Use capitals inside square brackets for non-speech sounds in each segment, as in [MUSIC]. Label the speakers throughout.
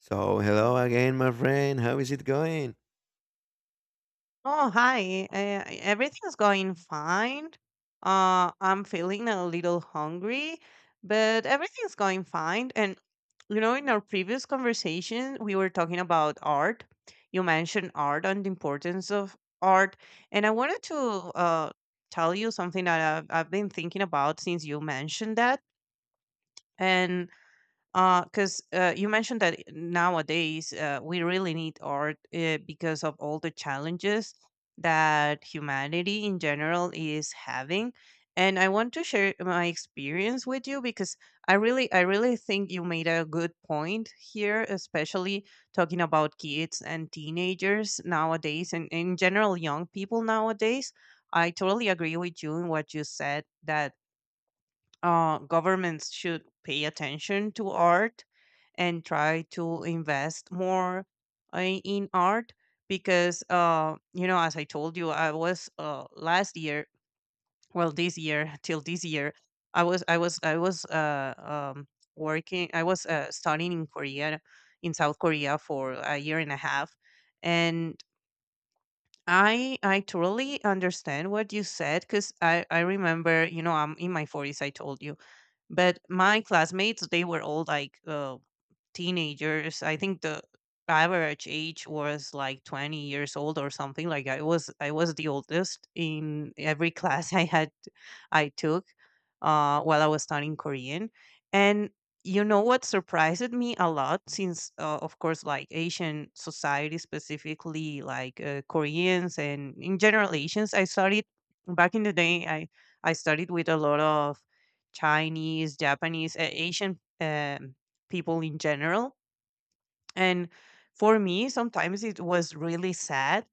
Speaker 1: So, hello again, my friend. How is it going?
Speaker 2: Oh, hi. Everything's going fine. I'm feeling a little hungry, but everything's going fine. And, you know, in our previous conversation, we were talking about art. You mentioned art and the importance of art. And I wanted to uh, tell you something that I've been thinking about since you mentioned that. And because you mentioned that nowadays we really need art because of all the challenges that humanity in general is having, and I want to share my experience with you because I really think you made a good point here, especially talking about kids and teenagers nowadays, and in general young people nowadays. I totally agree with you in what you said, that governments should pay attention to art and try to invest more in art, because you know, as I told you, I was, last year, well, this year [LAUGHS] till this year, I was um, working. I was studying in Korea, in South Korea, for a year and a half. And I totally understand what you said, because I remember, you know, I'm in my 40s, I told you, but my classmates, they were all like teenagers. I think the average age was like 20 years old or something. Like, I was the oldest in every [LAUGHS] class I had. I took while I was studying Korean. And you know what surprised me a lot, since of course, like Asian society, specifically like Koreans, and in general Asians. I studied back in the day, I studied with a lot of Chinese, Japanese, Asian people in general. And for me, sometimes it was really sad,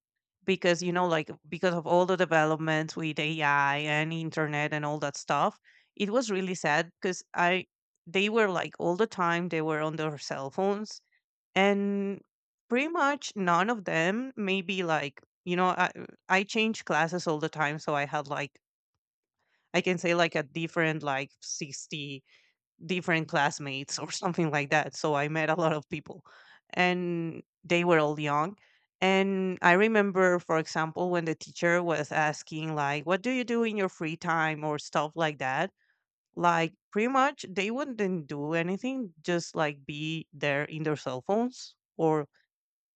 Speaker 2: because, you know, like, because of all the developments with AI and internet and all that stuff. It was really sad because I, they were like, all the time they were on their cell phones. And pretty much none of them, maybe like, you know, I change classes all the time, so I had like, I can say like a different, like 60 different classmates or [LAUGHS] something like that. So I met a lot of people, and they were all young. And I remember, for example, when the teacher was asking, like, what do you do in your free time or stuff like that? Like, pretty much they wouldn't do anything, just like be there in their cell phones, or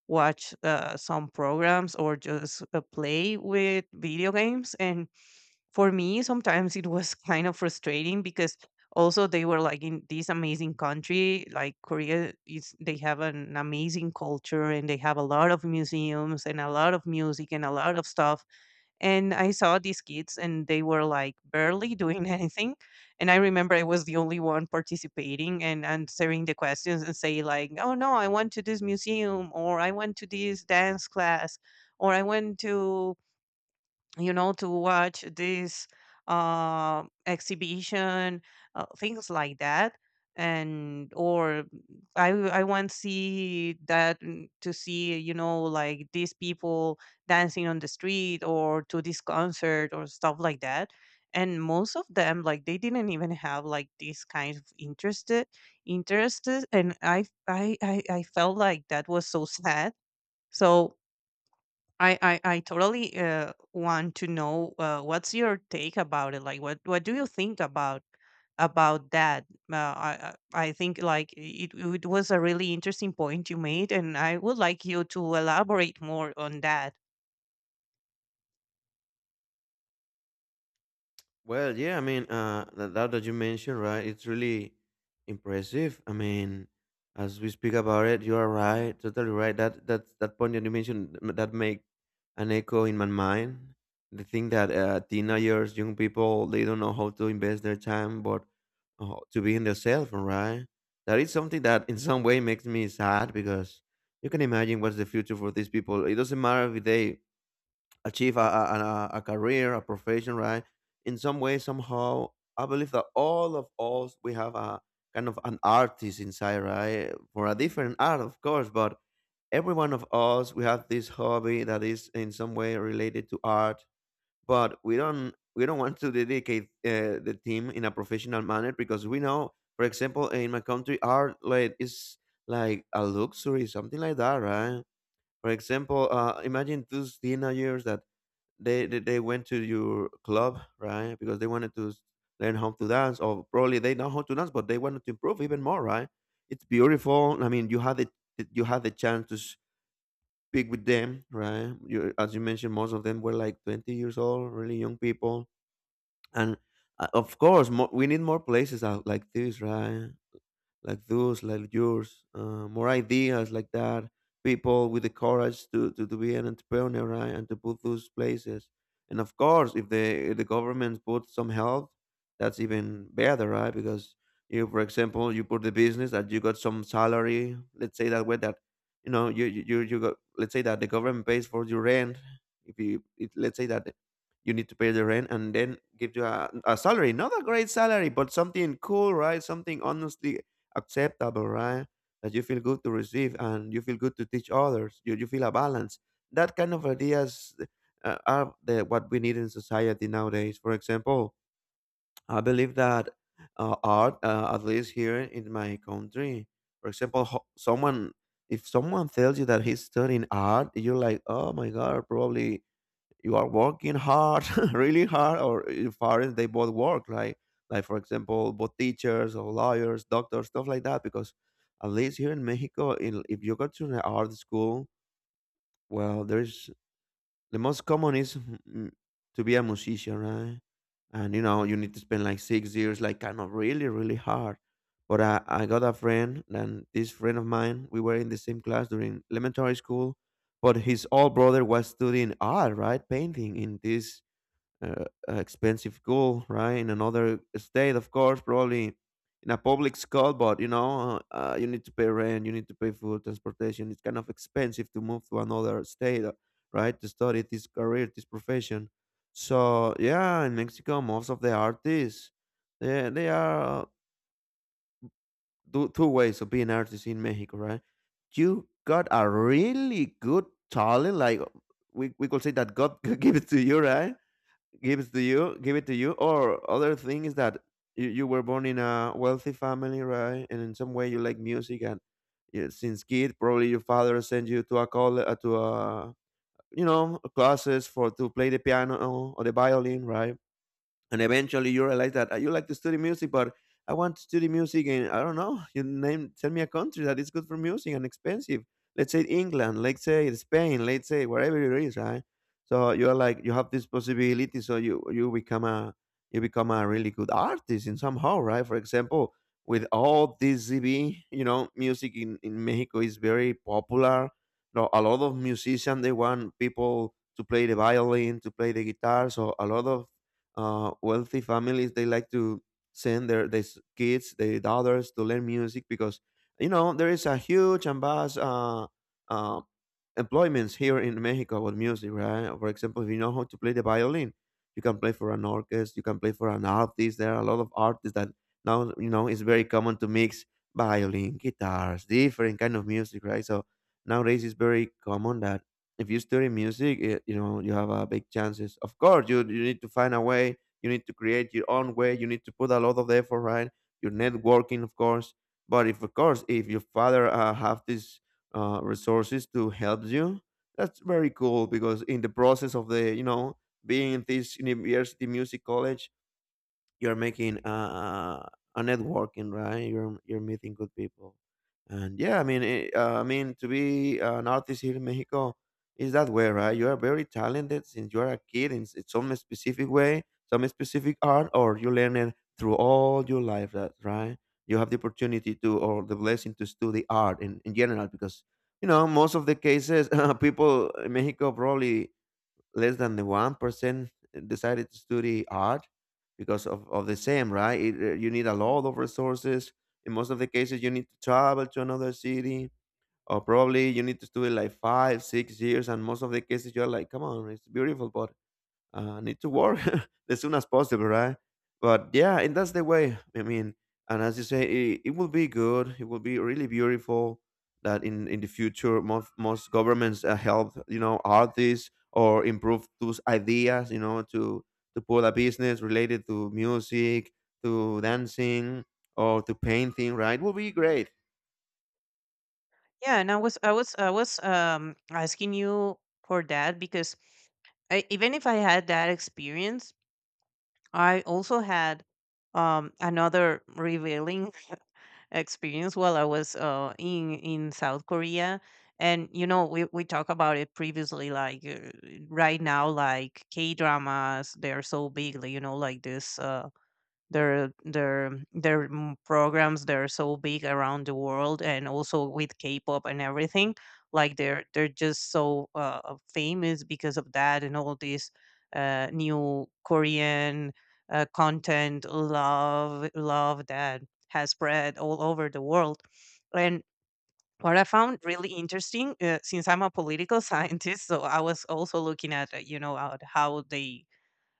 Speaker 2: watch some programs, or just play with video games. And for me, sometimes it was [LAUGHS] kind of frustrating, because also they were like in this amazing country, like Korea is, they have an amazing culture, and they have a lot of museums and a lot of music and a lot of stuff, and I saw these kids and they were like barely doing [LAUGHS] anything. And I remember I was the only one participating and answering the questions, and say like, oh no, I went to this museum, or I went to this dance class, or I went to, you know, to watch this exhibition, things like that. And or mm, I want to see that, mm, to see, you know, like these people dancing on the street, or to this concert or stuff like that. And most of them, like, they didn't even have like this kind of interested, and I felt like that was so sad. So, I totally want to know what's your take about it. Like, what do you think about that? I think like it was a really interesting point you made, and I would like you to elaborate more on that.
Speaker 1: Well, yeah, I mean, that that you mentioned, right? It's really impressive. I mean, as we speak about it, you are right, totally right. That point that you mentioned that make an echo in my mind. The thing that teenagers, young people, they don't know how to invest their time, but to be in themselves, right? That is something that in some way makes me sad because you can imagine what's the future for these people. It doesn't matter if they achieve a career, a profession, right? In some way, somehow, I believe that all of us, we have a kind of an artist inside, right? For a different art, of course, but every one of us, we have this hobby that is in some way related to art, but we don't want to dedicate the team in a professional manner because we know, for example, in my country, art like is like a luxury, something like that, right? For example, imagine those teenagers that they went to your club, right? Because they wanted to learn how to dance, or probably they know how to dance, but they wanted to improve even more, right? It's beautiful. I mean, you had the chance to speak with them, right? You, as you mentioned, most of them were like 20 years old, really young people, and of course, we need more places out like this, right? Like those, like yours, more ideas like that. People with the courage to, be an entrepreneur, right, and to put those places. And of course, if the government put some help, that's even better, right? Because you, for example, you put the business that you got some salary. Let's say that way that you know you got. Let's say that the government pays for your rent. If you it, Let's say that you need to pay the rent and then give you a salary, not a great salary, but something cool, right? Something honestly acceptable, right? That you feel good to receive and you feel good to teach others. You feel a balance. That kind of ideas are the, what we need in society nowadays. For example, I believe that art, at least here in my country, for example, someone, if someone tells you that he's studying art, you're like, oh my god, probably you are working hard, [LAUGHS] really hard, or if parents they both work, like for example, both teachers or lawyers, doctors, stuff like that. Because at least here in Mexico, in, if you go to an art school, well, there's, the most common is to be a musician, right? And you know, you need to spend like 6 years, like kind of really, really hard. But I got a friend, and this friend of mine, we were in the same class during elementary school, but his old brother was studying art, right? Painting in this uh, expensive school, right? In another state, of course, probably in a public school, but you know, you need to pay rent, you need to pay food, transportation. It's kind of expensive to move to another state, right? To study this career, this profession. So yeah, in Mexico, most of the artists, they are two, two ways of being artists in Mexico, right? You got a really good talent, like we could say that God [LAUGHS] gave it to you, right? Gives to you, give it to you, or other thing is that you were born in a wealthy family, right, and in some way you like music. And yeah, since kid, probably your father sent you to a call to a, you know, classes for to play the piano or the violin, right? And eventually you realize that, you like to study music, but I want to study music, and I don't know, you name, tell me a country that is good for music and expensive. Let's say England, let's say Spain, let's say wherever it is," right? So you're like, you have this possibility, so you become a, you become a really good artist in somehow, right? For example, with all this ZB, you know, music in Mexico is very popular. No, a lot of musicians, they want people to play the violin, to play the guitar, so a lot of wealthy families, they like to send their kids, their daughters, to learn music, because you know there is a huge and vast uh, employments here in Mexico with music, right? For example, if you know how to play the violin, you can play for an orchestra, you can play for an artist. There are a lot of artists that, now you know, it's very common to mix violin, guitars, different kind of music, right? So nowadays it's very common that if you study music, it, you know, you have a big chances. Of course, you need to find a way. You need to create your own way. You need to put a lot of effort, right? Your networking, of course. But if, of course, if your father have these resources to help you, that's very cool because in the process of the, you know, being in this university music college, you're making a networking, right? You're meeting good people, and yeah, I mean, I mean, to be an artist here in Mexico is that way, right? You are very talented since you are a kid in, in some specific way, some specific art, or you learn it through all your life, that right? You have the opportunity to, or the blessing to, study art in general, because you know most of the cases [LAUGHS] people in Mexico probably less than the 1% decided to study art because of the same, right? You need a lot of resources. In most of the cases, you need to travel to another city, or probably you need to study like five, 6 years. And most of the cases, you're like, come on, it's beautiful, but need to work [LAUGHS] as soon as possible, right? But yeah, and that's the way. I mean, and as you say, it will be good. It will be really beautiful that in the future, most governments help, you know, artists or improve those ideas, you know, to put a business related to music, to dancing, or to painting, right? It will be great.
Speaker 2: Yeah, and I was asking you for that, because I, even if I had that experience, I also had another revealing [LAUGHS] experience while I was in South Korea. And you know, we talked about it previously. Like right now, like K dramas, they're so big. Like, you know, like this. Their programs, they're so big around the world, and also with K-pop and everything. Like they're just so famous because of that, and all this new Korean content love, love, that has spread all over the world. And what I found really interesting, since I'm a political [LAUGHS] scientist, so I was also looking at you know, at how they,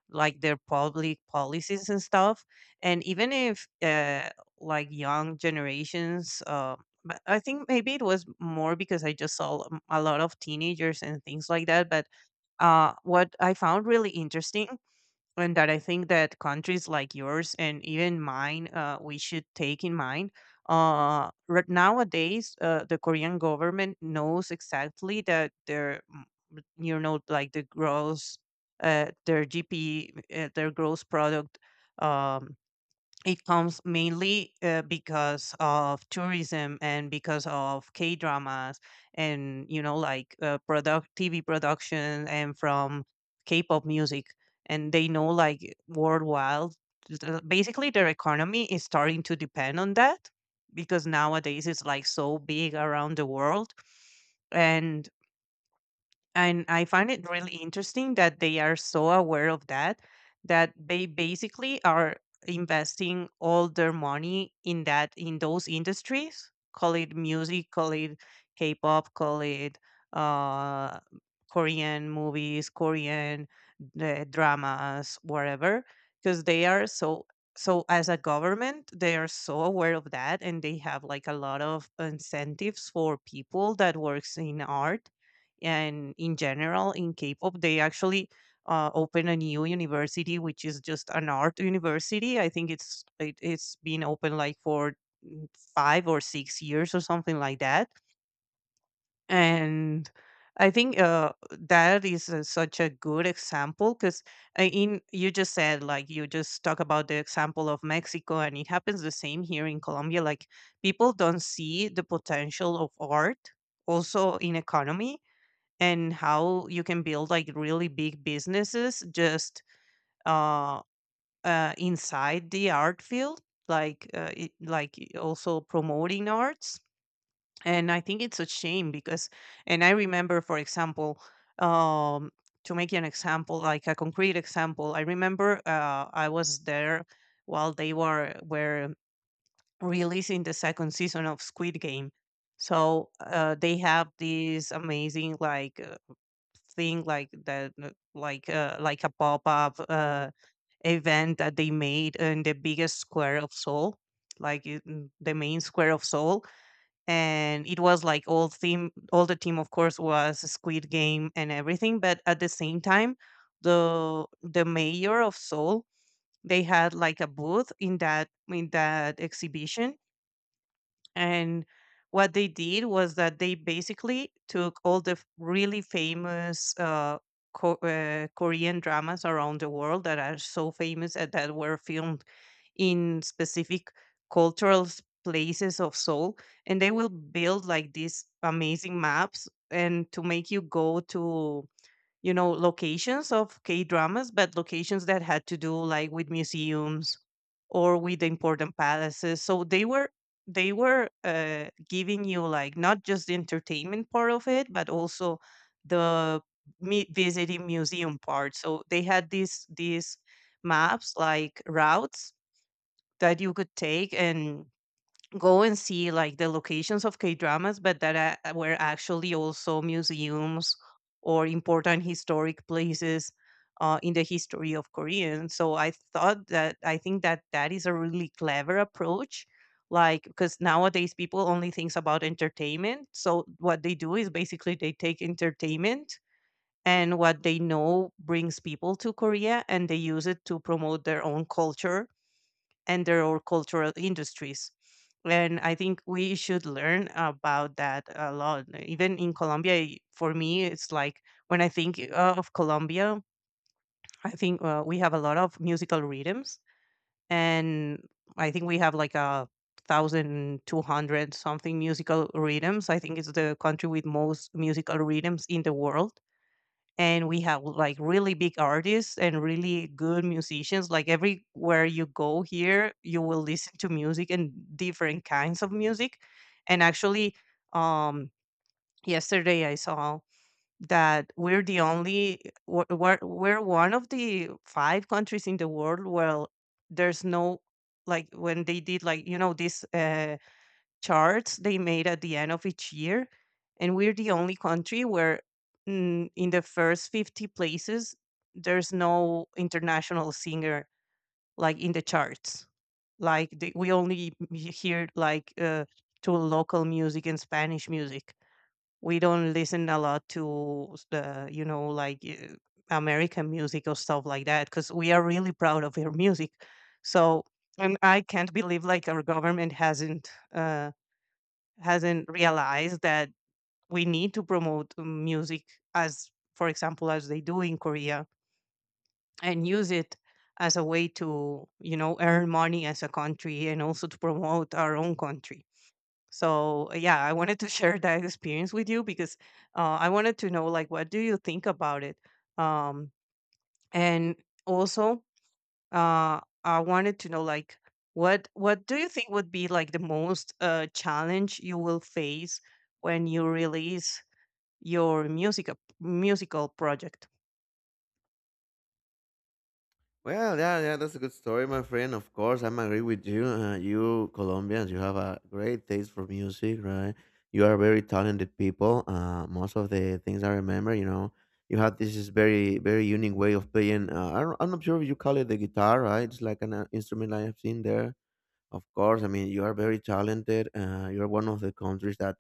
Speaker 2: like, their public policies and stuff, and even if like young generations, but I think maybe it was more because I just saw a lot of teenagers and things like that. But what I found really interesting, and that I think that countries like yours and even mine, we should take in mind. Right nowadays, the Korean government knows exactly that their, mm, you know, like the gross, their gross product. Um, it comes mainly because of tourism and because of K dramas, and you know, like product TV production, and from K-pop music. And they know, like, worldwide, basically their economy is starting to depend on that, because nowadays it's like so big around the world. and and I find it really interesting that they are so aware of that, that they basically are investing all their money in that, in those industries. Call it music, call it K-pop, call it uh, Korean movies, Korean dramas, whatever. Because they are so, so, as a government, they are so aware of that, and they have like a lot of incentives for people that works in art, and in general in K-pop. They actually open a new university, which is just an art university. I think it's it, it's been open like for, mm, 5 or 6 years or something like that. And I think that is such a good example, because in, you just said, like, you just talk about the example of Mexico, and it happens the same here in Colombia. Like, people don't see the potential of art also in economy, and how you can build like really big businesses just uh, inside the art field, like like also promoting arts. And I think it's a shame because, and I remember, for example, um, to make you an example, like a concrete example, I remember I was there while they were releasing the second season of Squid Game. So they have these amazing, like, thing like that, like a pop-up event that they made in the biggest square of Seoul, like the main square of Seoul. And it was like all theme, all the team, of course, was Squid Game and everything, but at the same time, the mayor of Seoul, they had like a booth in that, in that exhibition. And what they did was that they basically took all the really famous Korean dramas around the world that are so famous, and that were filmed in specific cultural places of Seoul. And they will build like these amazing maps, and to make you go to, you know, locations of K dramas, but locations that had to do like with museums or with important palaces. So they were, they were giving you, like, not just the entertainment part of it, but also the visiting museum part. So they had these maps, like routes, that you could take, and go and see like the locations of K dramas, but that were actually also museums, or important historic places in the history of Korean. So I thought that, I think that that is a really clever approach. Like, because nowadays people only thinks about entertainment. So what they do is basically they take entertainment and what they know brings people to Korea, and they use it to promote their own culture under our cultural industries. And I think we should learn about that a lot. Even in Colombia, for me, it's like, when I think of Colombia, I think we have a lot of musical rhythms. And I think we have like a 1,200 something musical rhythms. I think it's the country with most musical rhythms in the world, and we have like really big artists and really good musicians. Like everywhere you go here, you will listen to music and different kinds of music. And actually, um yesterday I saw that we're the only we're one of the five countries in the world where there's no, like when they did like you know this charts they made at the end of each year, and we're the only country where, in the first 50 places, there's no international singer, like in the charts. Like we only hear like to local music and spanish music. We don't listen a lot to s- the you know like american music or stuff like that, because we are really proud of our music. So, and I can't believe like our government hasn't realized that we need to promote music, as for example as they do in korea, and use it as a way to you know earn money as a country and also to promote our own country. So yeah, I wanted to [LAUGHS] share that experience with you, because I wanted to know like what do you think about it. um, and also, I wanted to know like what do you think would be like the most challenge you will face when you release your musical project?
Speaker 1: Well, yeah, yeah, that's a good story, my friend. Of course, I'm agree with you. You Colombians, you have a great taste for music, right? You are very talented people. Most of the things I remember, you know, you have this is very, very unique way of playing. I I'm not sure if you call it the guitar, right? It's like an instrument I have seen there. Of course, I mean, you are very talented. You are one of the countries that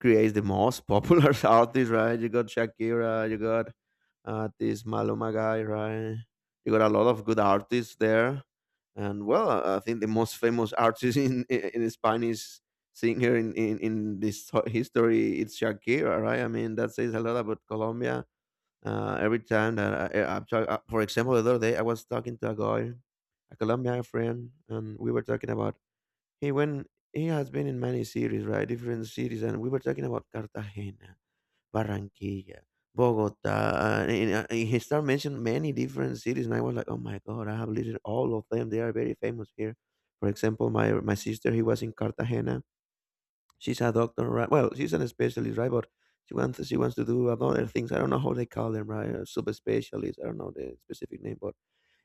Speaker 1: creates the most popular [LAUGHS] artists, right? You got Shakira, you got this Maluma guy, right? You got a lot of good artists there, and well, I think the most famous artist [LAUGHS] in Spanish singer in this history, it's Shakira, right? I mean, that says a lot about Colombia. Every time that I'm for example, the other day I was talking to a guy, a Colombian friend, and we were talking about he when he has been in many cities, right? Different cities, and we were talking about Cartagena, Barranquilla, Bogota, he started mentioning many different cities, and I was like, oh my god, I have listed all of them. They are very famous here. For example, my sister, he was in Cartagena. She's a doctor, right? Well, she's an specialist, right? But she wants to do other things. I don't know how they call them, right? Sub specialist. I don't know the specific name, but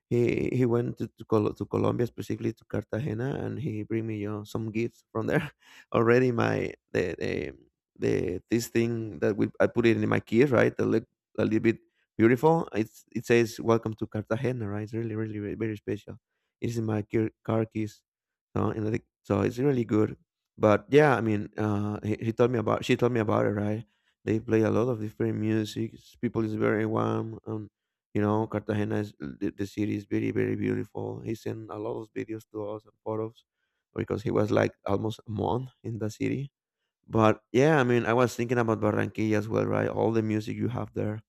Speaker 1: he went to to Colombia, specifically to Cartagena, and he bring me you some gifts from there. [LAUGHS] Already, my the this thing that we I put it in my keys, right? That look a little bit beautiful. It's, it says, "Welcome to Cartagena," right? It's really really very, very special. It is in my key, car keys, so, and I think, so it's really good. But yeah, I mean, he told me about, she told me about it, right? They play a lot of different music. People is very warm. Cartagena is the city is very very beautiful. He sent a lot of videos to us and photos because he was like almost a month in the city. But yeah, I mean, I was thinking about Barranquilla as well, right? All the music you have there.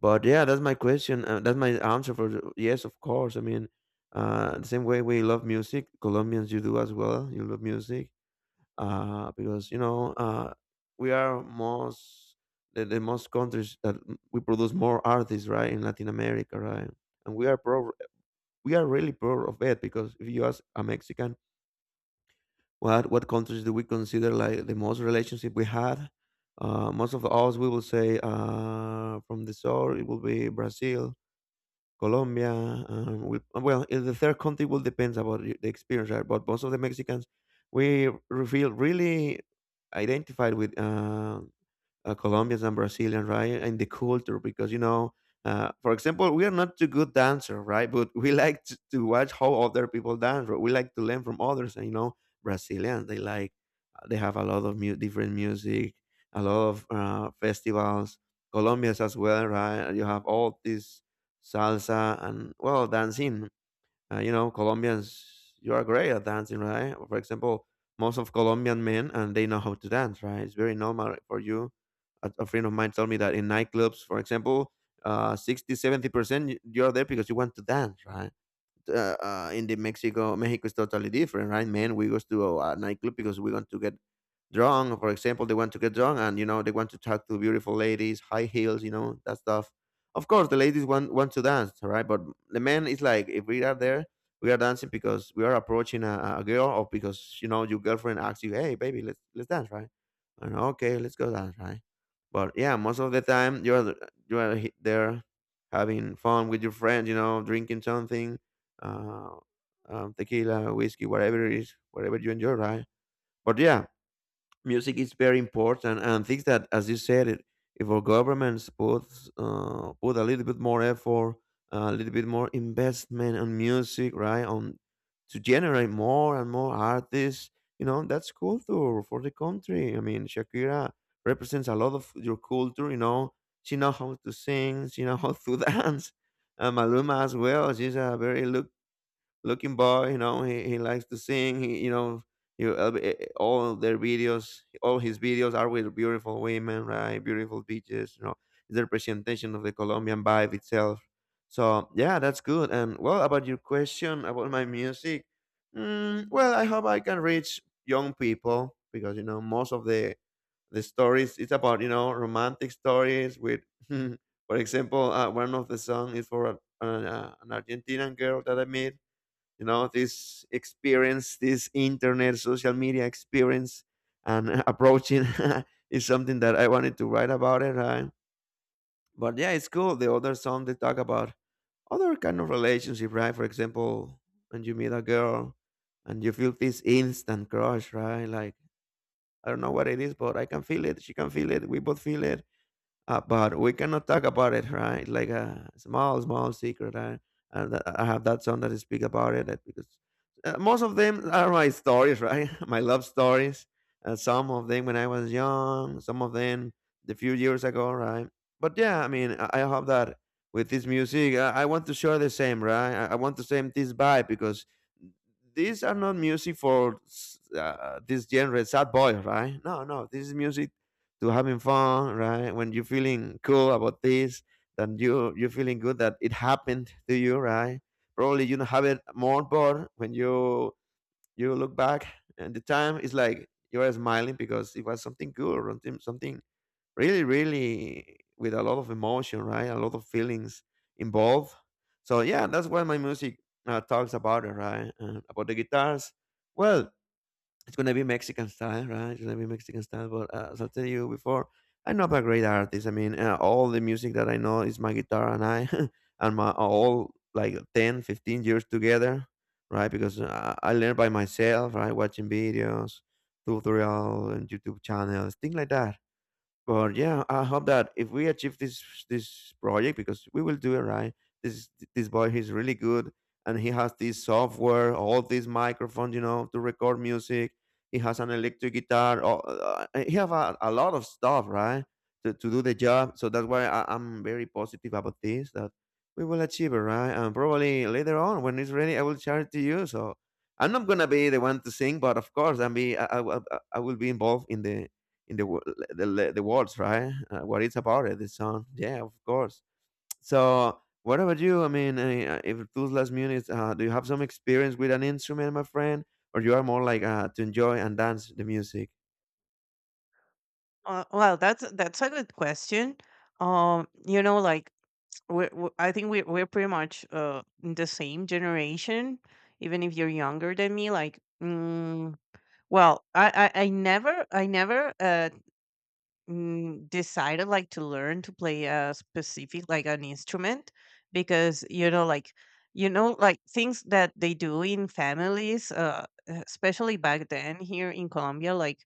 Speaker 1: But yeah, that's my question. That's my answer for yes, of course. I mean, the same way we love music, Colombians you do as well. You love music because we are most the most countries that we produce more artists, right, in Latin America, right, and we are proud. We are really proud of it because if you ask a Mexican what countries do we consider like the most relationship we had, most of us we will say from the south it will be Brazil, Colombia. We, well, in the third country will depends about the experience, right? But most of the Mexicans, we feel really identified with. Colombians and Brazilians, right? And the culture, because for example, we are not too good dancer, right? But we like to watch how other people dance. Right? We like to learn from others, and you know, Brazilians they like they have a lot of different music, a lot of festivals. Colombians as well, right? You have all this salsa and well dancing. You know, Colombians, you are great at dancing, right? For example, most of Colombian men and they know how to dance, right? It's very normal for you. A friend of mine told me that in nightclubs, for example, 60, seventy 70% you're there because you want to dance, right? In the Mexico, Mexico is totally different, right? Men, we go to a nightclub because we want to get drunk. For example, they want to get drunk, and you know, they want to talk to beautiful ladies, high heels, you know, that stuff. Of course the ladies want to dance, right? But the men is like, if we are there, we are dancing because we are approaching a girl, or because you know your girlfriend asks you, hey baby, let's dance, right? And okay, let's go dance, right? But yeah, most of the time you are, you are there having fun with your friends, you know, drinking something, uh tequila, whiskey, whatever it is, whatever you enjoy, right? But yeah, music is very important, and things that as you said it, if our governments puts put a little bit more effort, a little bit more investment on music, right, on to generate more and more artists. You know, that's culture for the country. I mean, Shakira represents a lot of your culture, you know. She knows how to sing, she knows how to [LAUGHS] dance. And Maluma as well, she's a very look looking boy. You know, he likes to sing. He, you know, you, all their videos, all his videos are with beautiful women, right? Beautiful beaches. You know, it's a representation of the Colombian vibe itself. So yeah, that's good. And well, about your question about my music, mm, well, I hope I can reach young people because you know most of the stories it's about, you know, romantic stories with, [LAUGHS] for example, one of the songs is for an Argentinian girl that I met, you know, this experience, this internet social media experience, and approaching [LAUGHS] is something that I wanted to write about it, right? But yeah, it's cool. The other song they talk about other kind of relationship, right? For example, when you meet a girl and you feel this instant crush, right? Like, I don't know what it is, but I can feel it, she can feel it, we both feel it. But we cannot talk about it, right? Like a small, small secret. And I have that song that I speak about it, because most of them are my stories, right? [LAUGHS] My love stories. Some of them when I was young, some of them the few years ago, right? But yeah, I mean, I hope that with this music, I want to share the same, right? I want to same this vibe because these are not music for this genre, sad boy, right? No, no, this is music to having fun, right? When you're feeling cool about this, then you're feeling good that it happened to you, right? Probably you don't have it more, but when you look back at the time, it's like you are smiling because it was something good, something, something really, really with a lot of emotion, right? A lot of feelings involved. So yeah, that's why my music talks about, it, right? About the guitars. Well, it's gonna be Mexican style, right? It's gonna be Mexican style. But as I tell you before, I'm not a great artist. I mean, all the music that I know is my guitar and I, [LAUGHS] and my all like 10, 15 years together, right? Because I learned by myself, right? Watching videos, tutorial, and YouTube channels, things like that. But yeah, I hope that if we achieve this project, because we will do it, right. This boy, he's really good, and he has this software, all these microphones, you know, to record music. He has an electric guitar. Oh, he have a lot of stuff, right, to do the job. So that's why I'm very positive about this. That we will achieve it, right? And probably later on, when it's ready, I will share it to you. So I'm not gonna be the one to sing, but of course, I'm be I will be involved in the wo- the words, right? What it's about it, this song. Yeah, of course. So, what about you? I mean, if those last minutes, do you have some experience with an instrument, my friend, or you are more like to enjoy and dance the music?
Speaker 2: Well, that's a good question. You know, like we're, we I think we're pretty much in the same generation, even if you're younger than me. Like, well, I never decided like to learn to play a specific like an instrument. Because you know like things that they do in families especially back then here in Colombia, like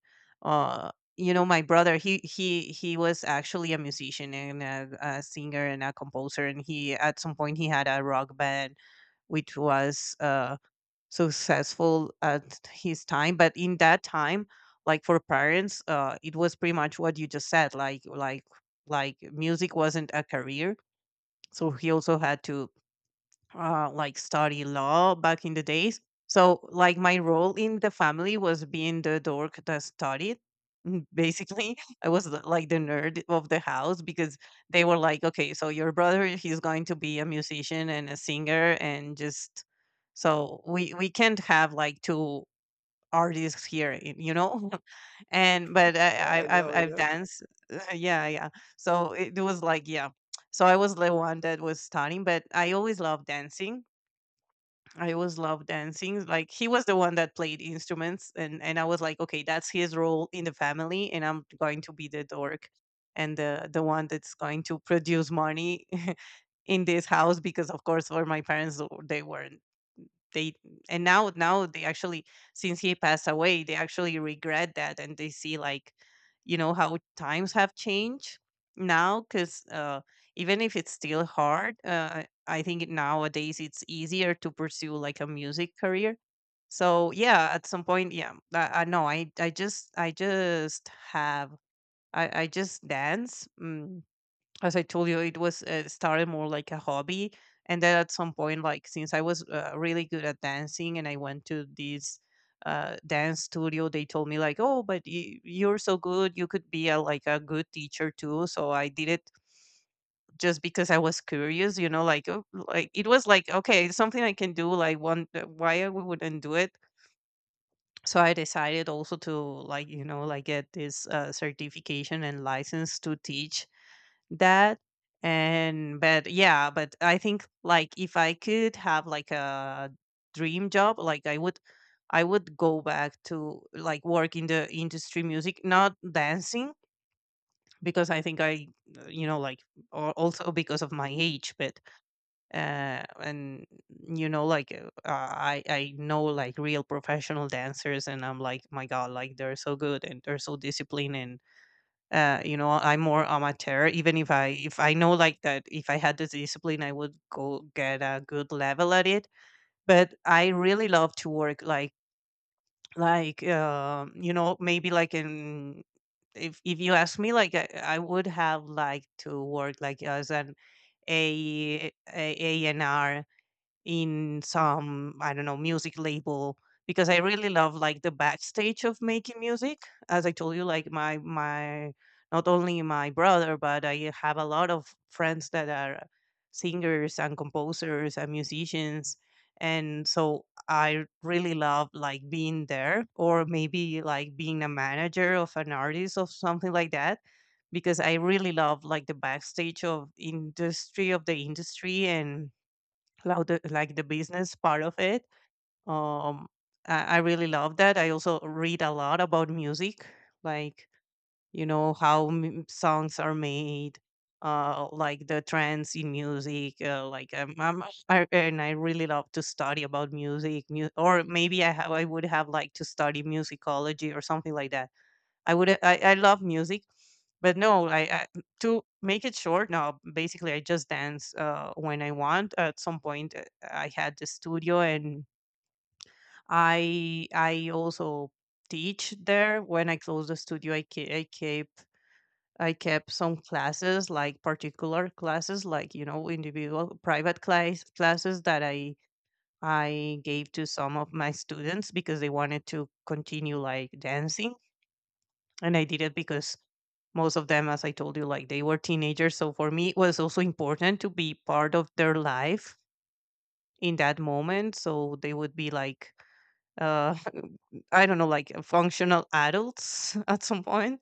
Speaker 2: uh you know, my brother, he was actually a musician and a singer and a composer, and he at some point he had a rock band which was successful at his time. But in that time, like for parents, uh, it was pretty much what you just said, like like music wasn't a career. So he also had to like study law back in the days. So like my role in the family was being the dork that studied. Basically, [LAUGHS] I was like the nerd of the house, because they were like, okay, so your brother he's going to be a musician and a singer and just, so we can't have like two artists here, you know. [LAUGHS] And but
Speaker 1: Yeah, I know, I
Speaker 2: I've
Speaker 1: know.
Speaker 2: danced, [LAUGHS] yeah, yeah. So it was like yeah. So I was the one that was studying, but I always loved dancing. I always loved dancing. Like he was the one that played instruments, and I was like, okay, that's his role in the family, and I'm going to be the dork and the one that's going to produce money [LAUGHS] in this house. Because of course, for my parents, they were they and now they actually, since he passed away, they actually regret that, and they see like you know how times have changed now. Because even if it's still hard, I think nowadays it's easier to pursue like a music career. So yeah, at some point, yeah, I know I just have I just dance. As I told you, it was started more like a hobby. And then at some point, like since I was really good at dancing, and I went to this dance studio, they told me like, "Oh, but you, you're so good, you could be a like a good teacher too." So I did it just because I was curious, you know, like it was like okay, it's something I can do. Like one, why I wouldn't do it. So I decided also to like you know like get this certification and license to teach that. And but yeah, but I think like if I could have like a dream job, like I would go back to like work in the industry music, not dancing. Because I think I you know like, or also because of my age, but and you know like, I know like real professional dancers, and I'm like my god, like they're so good and they're so disciplined. And you know, I'm more amateur. Even if I know like that, if I had the discipline, I would go get a good level at it. But I really love to work like you know maybe like in, if you ask me like, I would have liked to work like as an a A&R in some I don't know music label, because I really love like the backstage of making music. As I told you, like my not only my brother, but I have a lot of friends that are singers and composers and musicians. And so I really love like being there, or maybe like being a manager of an artist or something like that, because I really love like the backstage of industry, and Cloud, like the business part of it. Um, I really love that. I also read a lot about music, like you know how songs are made, like the trends in music. And I really love to study about music, or maybe I would have liked to study musicology or something like that. I love music. But no, I to make it short, no, basically I just dance when I want. At some point, I had the studio, and I also teach there. When I closed the studio, I kept, I kept some classes, like particular classes, like you know, individual private classes that I gave to some of my students because they wanted to continue like dancing. And I did it because most of them, as I told you, like they were teenagers. So for me, it was also important to be part of their life in that moment. So they would be like, uh, [LAUGHS] I don't know, like functional adults [LAUGHS] at some point.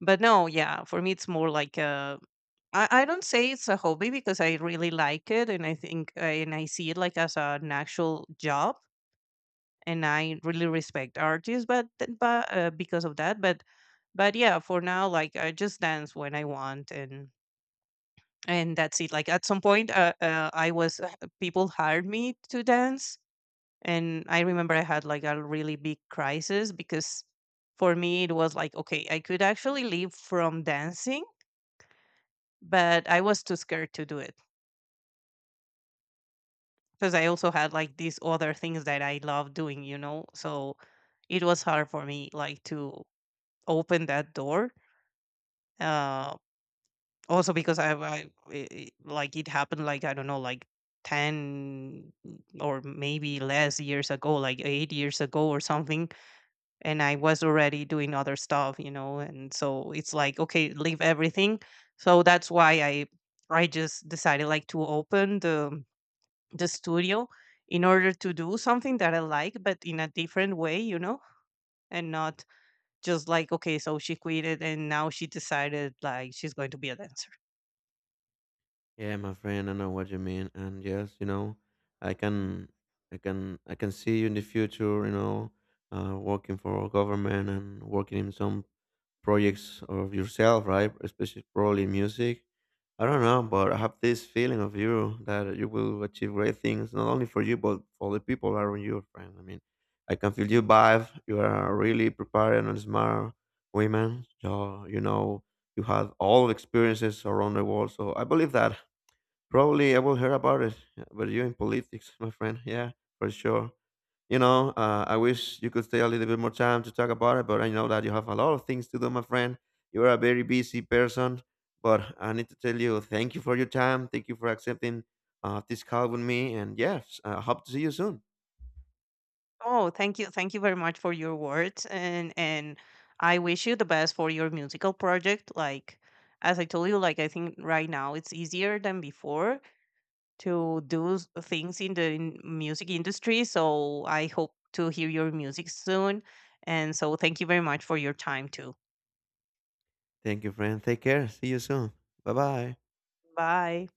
Speaker 2: But no, yeah, for me, it's more like a. I don't say it's a hobby because I really like it, and I think and I see it like as an actual job, and I really respect artists. But because of that, but yeah, for now, like I just dance when I want. And that's it. Like at some point, I was people hired me to dance, and I remember I had like a really big crisis. Because for me it was like okay, I could actually live from dancing, but I was too scared to do it, because I also had like these other things that I love doing, you know. So it was hard for me like to open that door. Uh, Also because I like, it happened, like, I don't know, like, 10 or maybe less years ago, like, 8 years ago or something. And I was already doing other stuff, you know, and so it's like, "Okay, leave everything." So that's why I just decided, like, to open the studio in order to do something that I like, but in a different way, you know, and not just like, "Okay, so she quit it, and now she decided, like, she's going to be a dancer."
Speaker 1: Yeah, my friend, I know what you mean, and yes, you know, I can, I can see you in the future, you know, working for our government and working in some projects of yourself, right? Especially probably music. I don't know, but I have this feeling of you that you will achieve great things, not only for you, but for the people around you, friend. I mean, I can feel your vibe. You are really prepared and smart women. So, you know, you have all the experiences around the world. So I believe that. Probably I will hear about it, but you in politics, [LAUGHS] my friend. Yeah, for sure, you know, I wish you could stay a little bit more time to talk about it, but I know that you have a lot of things to do, my friend. You are a very busy person, but I need to tell you thank you for your time. Thank you for accepting this call with me. And yes, I hope to see you soon.
Speaker 2: Oh, thank you. Thank you very much for your words. And I wish you the best for your musical project. Like as I told you, like I think right now it's easier than before to do things in the music industry, so I hope to hear your music soon. And so thank you very much for your time too.
Speaker 1: Thank you, friend. Take care. See you soon. Bye bye.
Speaker 2: Bye.